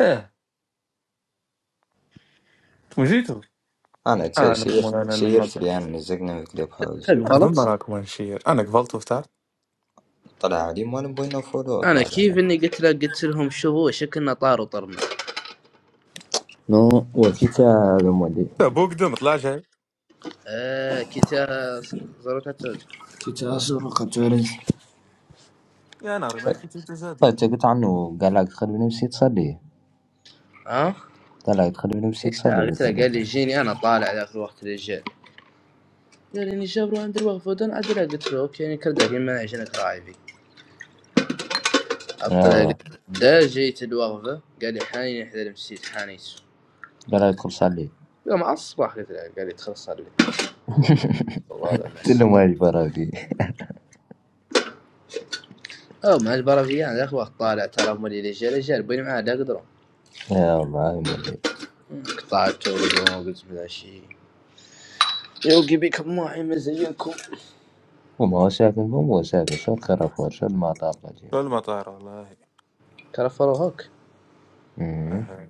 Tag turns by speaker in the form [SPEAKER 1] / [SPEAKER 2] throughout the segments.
[SPEAKER 1] ايه انتم جيتوا
[SPEAKER 2] انا تي شي
[SPEAKER 1] اعلم مولانا
[SPEAKER 2] شي
[SPEAKER 1] للنظر
[SPEAKER 2] يرفري عن مزقنا في كليب هاوس
[SPEAKER 1] انا من
[SPEAKER 3] غلط
[SPEAKER 1] براكم انشير انا قبلت وفتحت
[SPEAKER 2] طلع علي مو نبغي نفولو
[SPEAKER 3] انا
[SPEAKER 2] طلع
[SPEAKER 3] كيف اني
[SPEAKER 2] علينا
[SPEAKER 3] قلت له قلت لهم شوفوا شكلنا طار وطرنا
[SPEAKER 2] نو وكيتا هذا مولي
[SPEAKER 1] ابوك دم طلع جاي
[SPEAKER 3] آه كتا زرت التلج
[SPEAKER 2] تتعصر قتوري
[SPEAKER 1] يا ناري ما كنت جسدي
[SPEAKER 2] قلت قلت عنه قال لك ادخل بنفسي تصلي
[SPEAKER 3] ها
[SPEAKER 2] قال لك ادخل بنفسي
[SPEAKER 3] ايش
[SPEAKER 2] تصلي
[SPEAKER 3] ساعه قلت
[SPEAKER 2] قلت
[SPEAKER 3] له قال لي
[SPEAKER 2] له
[SPEAKER 3] جيني انا طالع ذاك الوقت للجيل قال لي اني جابرو عند الوقفه ودن عدل قلت له اوكي يعني كرد ما عشان راعي اطلع
[SPEAKER 2] اه
[SPEAKER 3] قلت له، دا جيت الوقفه قال لي حاني احد المسيت حانيت
[SPEAKER 2] قال لك ادخل صلي
[SPEAKER 3] يوم الصباح قلت له قال لي تخلص صار لي والله على
[SPEAKER 2] قلت
[SPEAKER 3] النص
[SPEAKER 2] له ما برادي
[SPEAKER 3] او مع البرازيليان ذاك الوقت طالع ترى مولي للجيل الجيل بيني معاه لا قدروا
[SPEAKER 2] يا الله يا مولي
[SPEAKER 3] قطعت قلت من العشيه يوقي بكم واحد مزيكم
[SPEAKER 2] وما هو ساكن فهم هو ساكن شو الكرفور شو المطار
[SPEAKER 1] شو
[SPEAKER 2] القديم
[SPEAKER 1] المطار والله
[SPEAKER 3] ترى فروهوك
[SPEAKER 2] امم
[SPEAKER 1] أها.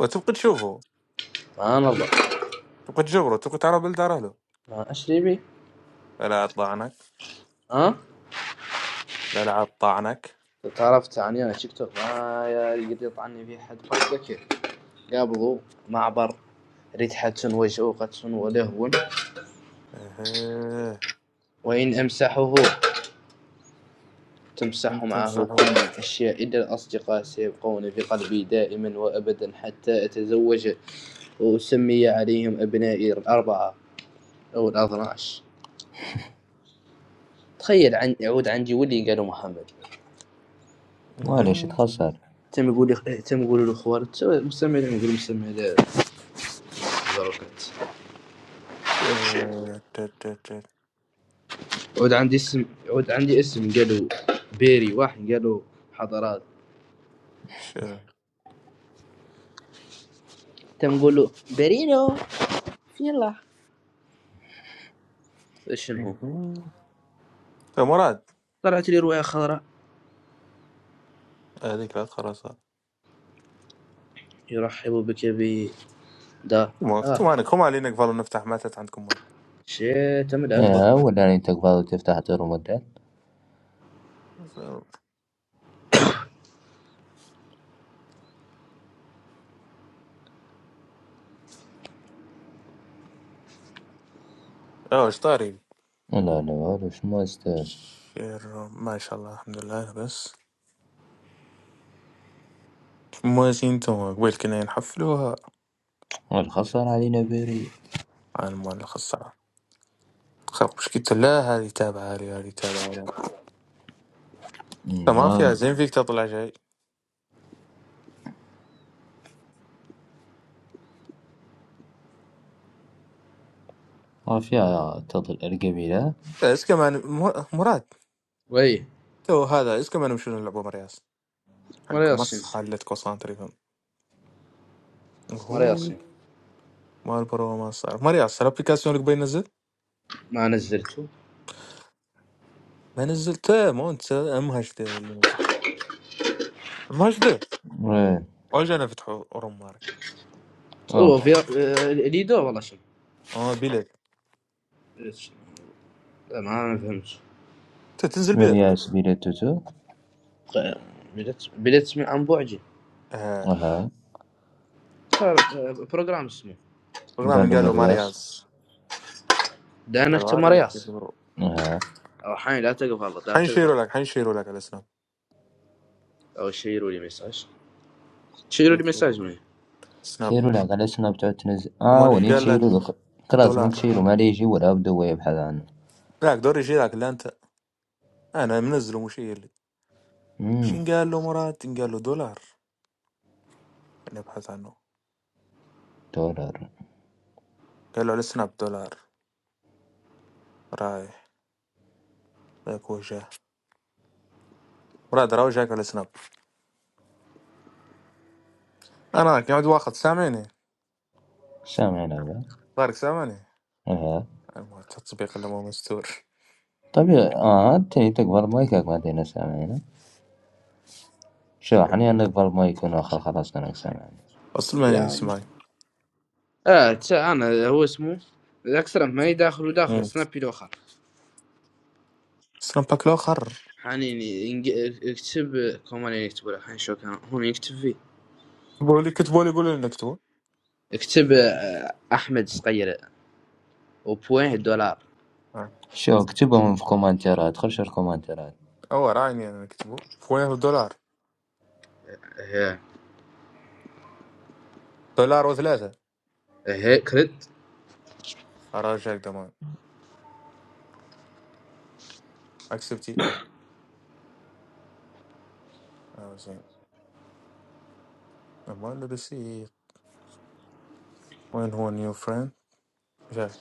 [SPEAKER 1] وتبقى تشوفه
[SPEAKER 3] ما نرضى
[SPEAKER 1] تبقى تجبره تبقى تعرف بالدار له
[SPEAKER 3] ما اشري بي
[SPEAKER 1] لا لا طعنك
[SPEAKER 3] ها
[SPEAKER 1] لا لا طعنك
[SPEAKER 3] تعرف تعني انا تيك توك ما يقدر يطعني في حد بكر قابضوا معبر ريت حد وجهه قد ولهو
[SPEAKER 1] اها
[SPEAKER 3] وإن أمسحه تمسح
[SPEAKER 1] انت
[SPEAKER 3] معه
[SPEAKER 1] تمسحه
[SPEAKER 3] كل
[SPEAKER 1] اها
[SPEAKER 3] الأشياء إلا الأصدقاء سيبقون في قلبي دائما وأبدا حتى أتزوج وأسمي عليهم أبنائي الأربعة أو الأثناش تخيل عن يعود عندي ولي قالوا محمد
[SPEAKER 2] معليش تخسر
[SPEAKER 3] تم يقول لي تم يقولوا لي خوار توا مستمع لهم يقولوا مستمع لا بركات
[SPEAKER 1] شير. تت- تت- تت.
[SPEAKER 3] عود عندي اسم عود عندي اسم قالوا بيري واحد قالوا حضرات
[SPEAKER 1] شير. اها.
[SPEAKER 3] تم نقول له بيرينو يلا شنو هو
[SPEAKER 1] يا مراد
[SPEAKER 3] طلعت لي رواية خضراء
[SPEAKER 1] هذيك لا خلاص ما
[SPEAKER 3] يرحب بك ب دا
[SPEAKER 1] انتم
[SPEAKER 3] اه
[SPEAKER 1] عندكم علينا قبل نفتح ماتت عندكم
[SPEAKER 3] شي تم اكبر
[SPEAKER 2] اه ولا انت قبل تفتح دور مدة
[SPEAKER 1] اه آه، اشطاري
[SPEAKER 2] لا لا هذا شو ما يستاهل
[SPEAKER 1] بخير ما شاء الله الحمد لله بس موازين تو قبل كنا نحفلوها
[SPEAKER 2] والخسر علينا بريء
[SPEAKER 1] على المؤلخ الصعب خربش قلت لا هذه تابعة لي هذه تابعة لي ما فيها
[SPEAKER 2] والله
[SPEAKER 1] زين فيك تطلع شيء
[SPEAKER 2] وفيها تظل القبيلة
[SPEAKER 1] اس كمان مر- مراد
[SPEAKER 3] وي
[SPEAKER 1] تو هذا اس كمان مشون نلعبوا مرياس
[SPEAKER 3] مرة
[SPEAKER 1] حق مص
[SPEAKER 3] ياسين
[SPEAKER 1] حلتكو سانتريفون
[SPEAKER 3] مرة
[SPEAKER 1] هو
[SPEAKER 3] ياسين
[SPEAKER 1] مالبرو ما صار مرياس الابليكاسيون اللي قبل نزل
[SPEAKER 3] ما نزلته
[SPEAKER 1] ما نزلته مو انت امهش ده ولا نزل امهش ده
[SPEAKER 2] وين
[SPEAKER 1] اجانا فتحوا روم ماري
[SPEAKER 3] اوه في
[SPEAKER 2] أوف
[SPEAKER 3] آه، ليدو والله شنو
[SPEAKER 1] اه بلاد
[SPEAKER 3] بديت شنو. لا ما فهمت
[SPEAKER 1] تنزل بلاد
[SPEAKER 2] مرياس بيلا توتو
[SPEAKER 3] بديت بديت من عن بعدي
[SPEAKER 2] أها
[SPEAKER 3] صار، آه، بروجرام اسمه
[SPEAKER 1] اغنى
[SPEAKER 2] قال
[SPEAKER 1] من
[SPEAKER 2] له
[SPEAKER 1] قال له
[SPEAKER 2] مرياس
[SPEAKER 1] مارياس
[SPEAKER 3] لانك
[SPEAKER 1] قالوا عارف
[SPEAKER 3] تماريات
[SPEAKER 1] يقولوا.
[SPEAKER 2] أها
[SPEAKER 3] او حين لا تقفل لا تقفل
[SPEAKER 1] حنشيروا لك حنشيروا لك على سناب
[SPEAKER 3] او شيروا لي مساج شيروا لي
[SPEAKER 1] حنشيروا
[SPEAKER 3] مساج
[SPEAKER 1] لك.
[SPEAKER 3] مني
[SPEAKER 1] سناب
[SPEAKER 2] شيرو لك على السناب بتاعت تنزل آه
[SPEAKER 1] مالك
[SPEAKER 2] ونيت
[SPEAKER 1] قال لك
[SPEAKER 2] شيرو لك خلاص نيت
[SPEAKER 1] دولار
[SPEAKER 2] شيرو ما ليجي ولا أبدو ويبحث عنه
[SPEAKER 1] لا دور يشيلك لا انت انا منزله مشير لي
[SPEAKER 2] أمم
[SPEAKER 1] شين قال له مراد قال له دولار نبحث عنه
[SPEAKER 2] دولار
[SPEAKER 1] قال له على سناب دولار رايح ذاك وجه مراد راوي جاك على سناب انا قاعد واخد سامعني
[SPEAKER 2] سامعنا بقى
[SPEAKER 1] طارق سامعني
[SPEAKER 2] أها
[SPEAKER 1] المهم التطبيق اللي مو مستور
[SPEAKER 2] طبيعي آه تاني تكبر مايكك ما تينا سامعنا شو حني أنا أكبر مايك ونأخر خلاص أنا سامعنا
[SPEAKER 1] اصلا ما
[SPEAKER 3] لا
[SPEAKER 1] يسمعني
[SPEAKER 3] اه ت- انا هو اسمه الاكثر ما يداخل وداخل
[SPEAKER 1] مم.
[SPEAKER 3] سنابي لو خر
[SPEAKER 1] سنابك لو خر
[SPEAKER 3] حنين ينج- اكتب كمان يكتب لك حين شو كان هم يكتب فيه
[SPEAKER 1] بولي كتبوا لي يقولوا لي نكتبوا
[SPEAKER 3] اكتب آه، احمد صغير وبوين دولار
[SPEAKER 2] شو اكتبهم في كومنتات خش الكومنتات
[SPEAKER 1] هو راني انا نكتبو خويا دولار
[SPEAKER 3] هي
[SPEAKER 1] دولار وثلاثة
[SPEAKER 3] هي كريد
[SPEAKER 1] أراجعك ضمان اكسبتي اه زين اما الرسيف وين هو نيو فريند جاك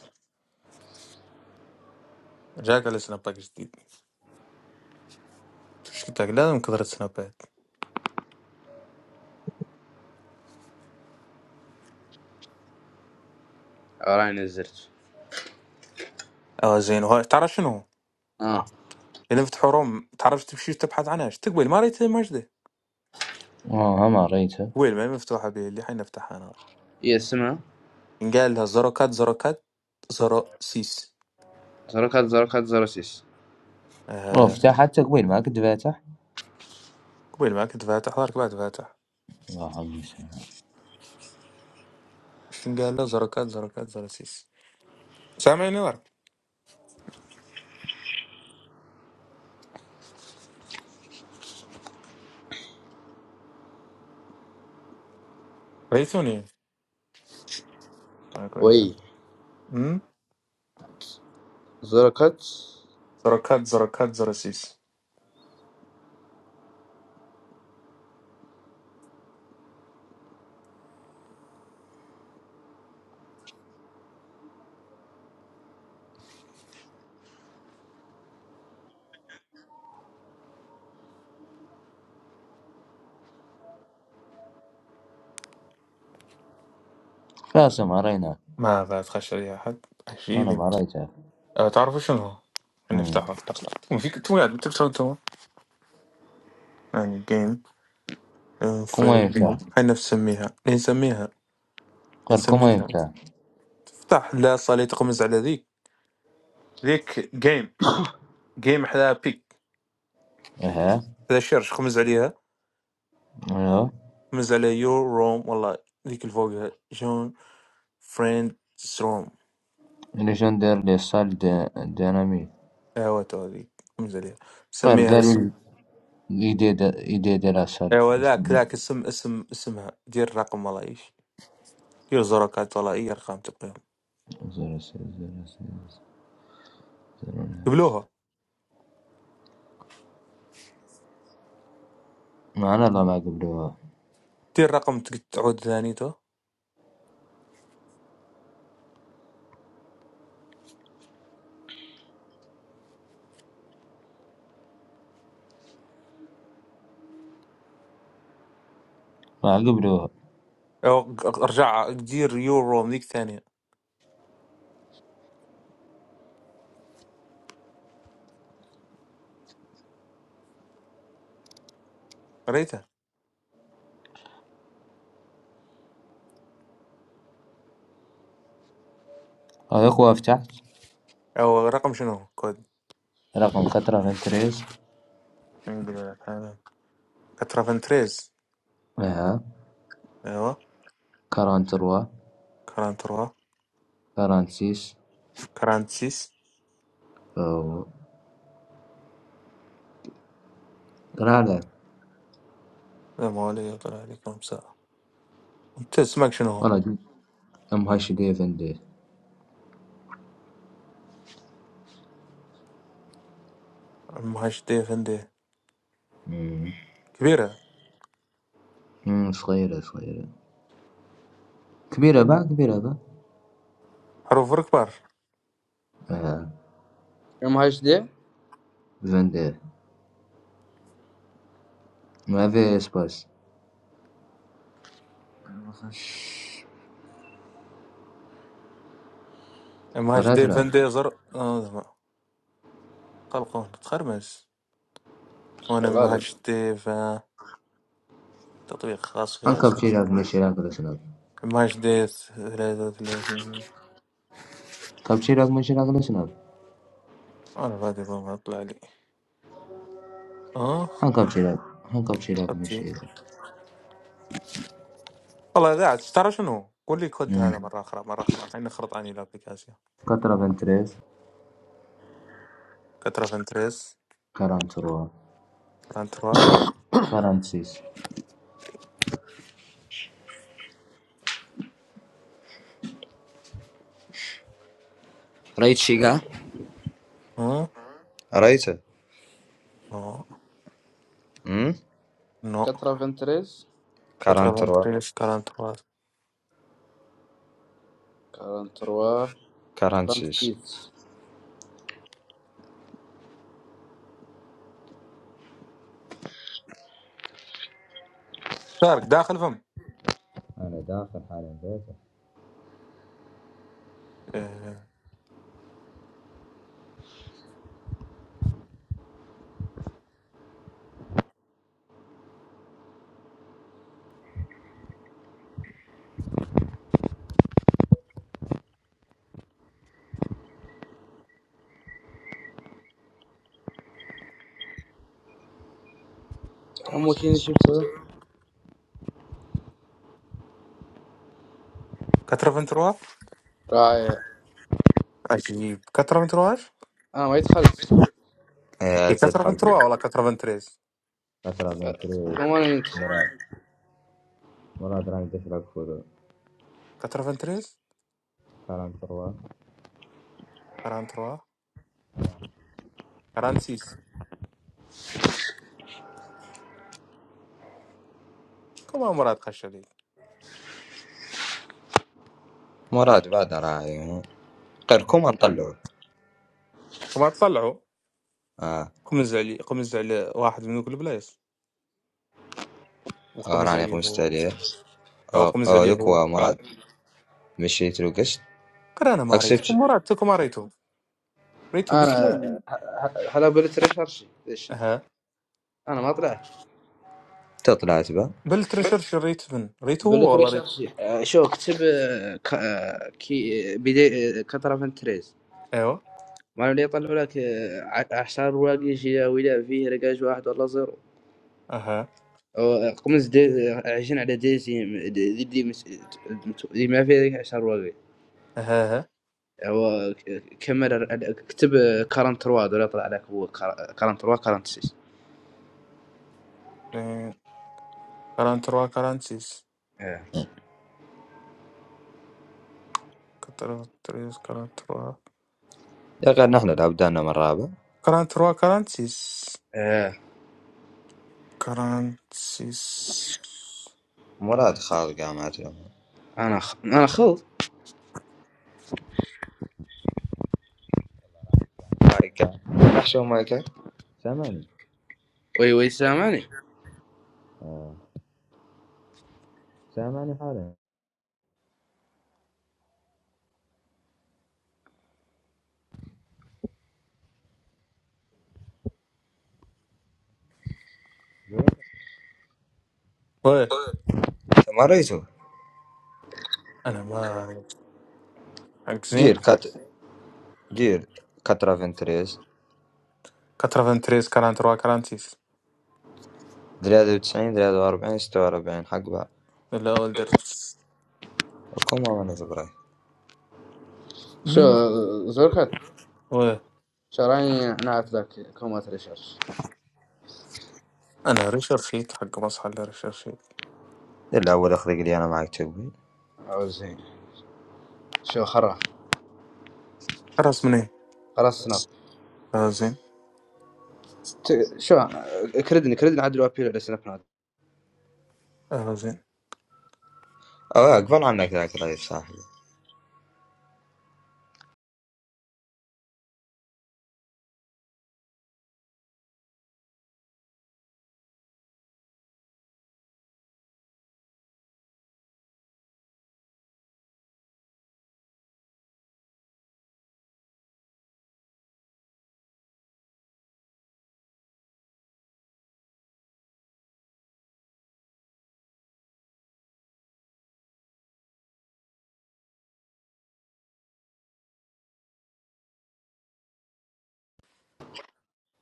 [SPEAKER 1] جاك على سناباك جديد شو قلت لك لازم كثرة سنابات
[SPEAKER 3] راني نزلت
[SPEAKER 1] اه زين وهاي تعرف شنو
[SPEAKER 3] اه
[SPEAKER 1] اللي نفتحوا روم تعرف تمشي تبحث عنها ايش تقبل ما ريت مجده
[SPEAKER 2] آه ما رأيته
[SPEAKER 1] قبل ما هي مفتوحة به اللي حنفتحها انا
[SPEAKER 3] هي اسمها
[SPEAKER 1] إن قال لها زيرو كات زيرو كات زيرو سيس
[SPEAKER 3] زرقات زرقات زرسيس
[SPEAKER 1] آه،
[SPEAKER 2] وفتحتك قبيل ما كنت فاتح
[SPEAKER 1] قبل ما كنت فاتح ظهرك بعد فاتح
[SPEAKER 2] الله حقي
[SPEAKER 1] شنو قال لها زيرو كات زيرو كات زيرو سيس سامعني ورك ريتوني آه، كويس
[SPEAKER 3] وي
[SPEAKER 1] امم
[SPEAKER 3] زرقات
[SPEAKER 1] زركات زركات زرسيس
[SPEAKER 2] فاسم أرينا
[SPEAKER 1] ما بتخش عليها حد شي
[SPEAKER 2] أنا ما
[SPEAKER 1] بنت
[SPEAKER 2] رأيتها
[SPEAKER 1] أه تعرفوا شنو هو؟
[SPEAKER 2] أمم.
[SPEAKER 1] نفتحها وفيك تويات بتكتب تو يعني جيم
[SPEAKER 2] كما
[SPEAKER 1] فريم
[SPEAKER 2] يفتح
[SPEAKER 1] احنا نسميها نسميها
[SPEAKER 2] قر كما
[SPEAKER 1] نسميها
[SPEAKER 2] يفتح
[SPEAKER 1] تفتح لا صالي تقمز على ذيك ذيك جيم جيم حدا بيك
[SPEAKER 2] إيه
[SPEAKER 1] حدا شيرش خمز عليها
[SPEAKER 2] إيه
[SPEAKER 1] خمز على يور روم والله ذيك اللي فوقها جون فريند روم
[SPEAKER 2] ليجندر دي سال دي دينامي
[SPEAKER 1] ايوا تو هذيك خمز عليها
[SPEAKER 2] قر
[SPEAKER 1] سميها
[SPEAKER 2] قال يديد يديد لا سال
[SPEAKER 1] ايوه ذاك ذاك اسم اسم اسمها دير رقم والله ايش دير زركات والله اي ارقام تقييم
[SPEAKER 2] زر سال زر سال زر
[SPEAKER 1] قبلوها
[SPEAKER 2] ما أنا لا ما قبلوها
[SPEAKER 1] دير رقم ت- تعود ثاني تو
[SPEAKER 2] ما قبلوها
[SPEAKER 1] او ق- ارجع دير يورو من ذيك ثانية قريتها
[SPEAKER 2] هذا قوة فتحت
[SPEAKER 1] او رقم شنو كود
[SPEAKER 2] رقم خطرة من تريز
[SPEAKER 1] نقول لك هذا كترافنتريز
[SPEAKER 2] إيه
[SPEAKER 1] ايوه
[SPEAKER 2] كاران تروا
[SPEAKER 1] كران تروا
[SPEAKER 2] كاران سيس
[SPEAKER 1] كران سيس
[SPEAKER 2] أو لا لا
[SPEAKER 1] لا ما عليه طلع لي كم ساعة انت اسمك شنو هو؟
[SPEAKER 2] والله أم هاش ديفن
[SPEAKER 1] مهاش دي فندي
[SPEAKER 2] أمم
[SPEAKER 1] كبيرة
[SPEAKER 2] أم صحيح صحيح كبير أبا كبير أبا
[SPEAKER 1] حروف كبار
[SPEAKER 2] إيه
[SPEAKER 3] ام هاش دي
[SPEAKER 2] زيند ما في إس باس
[SPEAKER 1] مهاش دي
[SPEAKER 2] ثلاثة
[SPEAKER 1] فندي زر آه، خلقون تخرمس
[SPEAKER 3] في
[SPEAKER 1] وانا
[SPEAKER 3] الغالب
[SPEAKER 1] مهاش دي تطبيق خاص
[SPEAKER 2] هن
[SPEAKER 1] فيها اسمه
[SPEAKER 2] كابتشي راقمشي راقلا سناد
[SPEAKER 1] ماش ديت 33
[SPEAKER 2] كابتشي راقمشي راقلا سناد
[SPEAKER 1] انا فادي ما يطلع لي اه
[SPEAKER 2] هن كابتشي راق هن كابتشي
[SPEAKER 1] خطي
[SPEAKER 2] راقمشي راق
[SPEAKER 1] والله قاعد ترى شنو قول لي كود هذا مره اخرى مره اخرى اني خرط اني الابلكاسيون
[SPEAKER 2] كترافينترز
[SPEAKER 1] كترا فنتريس
[SPEAKER 2] كارانتروا
[SPEAKER 1] كرانتروا
[SPEAKER 2] كارانتس رايتشيغا
[SPEAKER 1] ها
[SPEAKER 2] رايت
[SPEAKER 1] نو
[SPEAKER 2] أم
[SPEAKER 1] نو
[SPEAKER 3] كترة فنتريز
[SPEAKER 1] كترا
[SPEAKER 2] كارانتروا
[SPEAKER 1] فنتريس كرانتروا
[SPEAKER 3] كارنتروا
[SPEAKER 2] كارانتس
[SPEAKER 3] كارنتفيت
[SPEAKER 1] دارك داخل فم
[SPEAKER 2] أنا دا في حالين بيت
[SPEAKER 1] إيه.
[SPEAKER 3] أمو كيني شفتها
[SPEAKER 1] كترا فنتروا
[SPEAKER 3] راعي
[SPEAKER 1] عجيب كترا فنترواش
[SPEAKER 3] أنا ما يدخلت
[SPEAKER 2] إيه
[SPEAKER 1] هي
[SPEAKER 2] أرتب
[SPEAKER 1] كترا
[SPEAKER 2] خالك
[SPEAKER 1] فنتروا ولا
[SPEAKER 2] بقى
[SPEAKER 1] كترا فنتريس
[SPEAKER 2] كترافينترز
[SPEAKER 3] كم أنا يدخل
[SPEAKER 2] ولا دراندش راقفرو
[SPEAKER 1] كترا فنتريس
[SPEAKER 2] كارانتروا
[SPEAKER 1] كرانتروا كرانسيس كما مراد خشدي
[SPEAKER 2] مراد بعد راعي قركم نطلعو
[SPEAKER 1] كما تطلعوا
[SPEAKER 2] اه
[SPEAKER 1] قمز علي قمز على واحد من ذوك البلايص
[SPEAKER 2] آه،
[SPEAKER 1] وقمز
[SPEAKER 2] راني
[SPEAKER 1] عليه
[SPEAKER 2] قمشت
[SPEAKER 1] هو
[SPEAKER 2] عليه
[SPEAKER 1] هو
[SPEAKER 2] اه
[SPEAKER 1] قمز
[SPEAKER 2] آه،
[SPEAKER 1] عليه هو
[SPEAKER 2] يكوا مراد مشيت له قشت
[SPEAKER 1] قرا انا ما ريته
[SPEAKER 2] اكسبت
[SPEAKER 1] مرات تكو ما ريته ريته
[SPEAKER 3] أنا
[SPEAKER 1] باسمه
[SPEAKER 3] ه- ه- هلا بلت ريشارشي ليش
[SPEAKER 1] اها
[SPEAKER 3] أنا ما طلعت
[SPEAKER 2] تطلعت به
[SPEAKER 1] بل ترشرش ريت من ريته هو
[SPEAKER 3] بلت
[SPEAKER 1] والله ريت
[SPEAKER 3] ريشارشي آه، شو اكتب آه، ك- آه، كي بدي آه، كترة فنتريز
[SPEAKER 1] ايوه
[SPEAKER 3] ما اللي يطلعوا لك آه، ع- عشر رواقي شي ولا فيه رقاش واحد والله زيرو
[SPEAKER 1] اها
[SPEAKER 3] أو قمص دي عايشين على ديزي م- دي, دي, دي, مس- دي ما فيه عشر رواقي
[SPEAKER 1] اها اها
[SPEAKER 3] هو ك- كاميرا اكتب كارنت رواد ولا يطلع لك هو كار- كارنت رواد كارنت سيس
[SPEAKER 1] إيه، كران تروا كران سيس
[SPEAKER 3] ايه
[SPEAKER 1] كتر- تريس كران تروا
[SPEAKER 2] يا غير نحن العبدان من رابع
[SPEAKER 1] كران تروا كران سيس
[SPEAKER 3] ايه
[SPEAKER 1] كران سيس
[SPEAKER 2] مراد خاض قامات له
[SPEAKER 3] انا خ... انا خلط
[SPEAKER 2] مايكا نحشو مايكا سامعني
[SPEAKER 3] وي وي سامعني
[SPEAKER 2] آه. سامعني حاليا
[SPEAKER 1] وي
[SPEAKER 2] مريتو
[SPEAKER 1] انا ما ريت حق زين
[SPEAKER 2] جير كات جير كاترا فنتريز
[SPEAKER 1] 93 43 46
[SPEAKER 2] دريادة وتسعين دريادة واربعين ستة واربعين حق بعض
[SPEAKER 1] لا ولدرت
[SPEAKER 2] وكما ما نزبراي
[SPEAKER 3] شو
[SPEAKER 1] مين
[SPEAKER 3] زركت
[SPEAKER 1] وي
[SPEAKER 3] شو راني نعت لك كومات ريسيرش
[SPEAKER 1] أنا ريشارد شيت حق مصحى على ريشارد شيت
[SPEAKER 2] الا اول اخذ لي انا معك تبي
[SPEAKER 3] او زين شو خرا
[SPEAKER 1] حرس من إيه؟
[SPEAKER 3] خرا سناب
[SPEAKER 1] آه زين
[SPEAKER 3] ت... شو كردني كردني عدل وابيل على سناب ناد
[SPEAKER 1] آه زين
[SPEAKER 2] اه اقبل عنك ذاك رايف صاحبي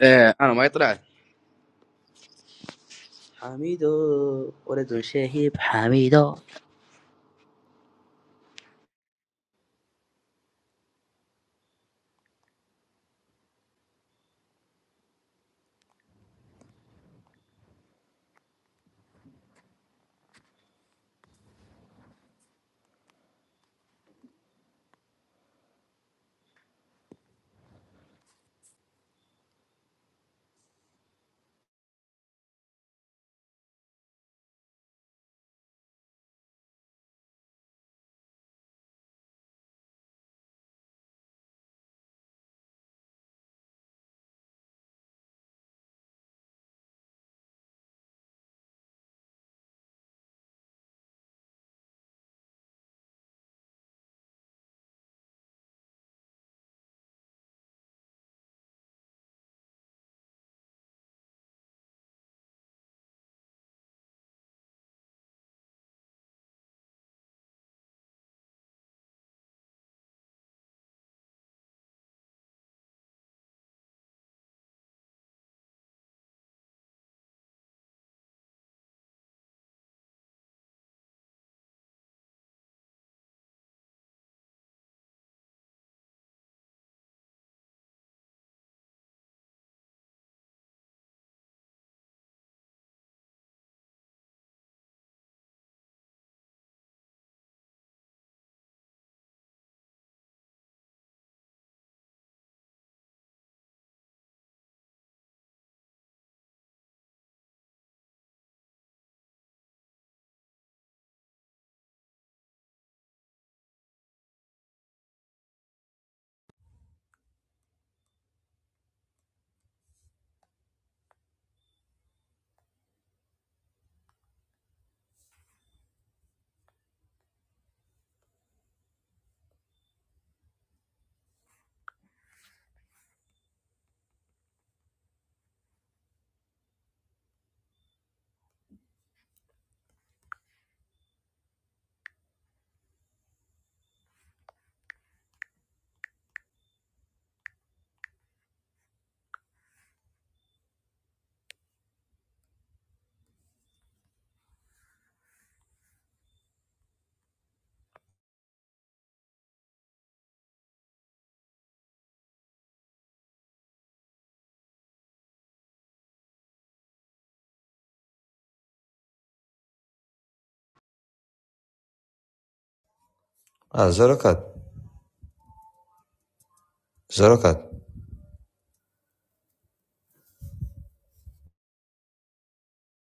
[SPEAKER 3] ايه انا ما يطلع حميدو ولد شهيب حميدو
[SPEAKER 2] اه زركت زركت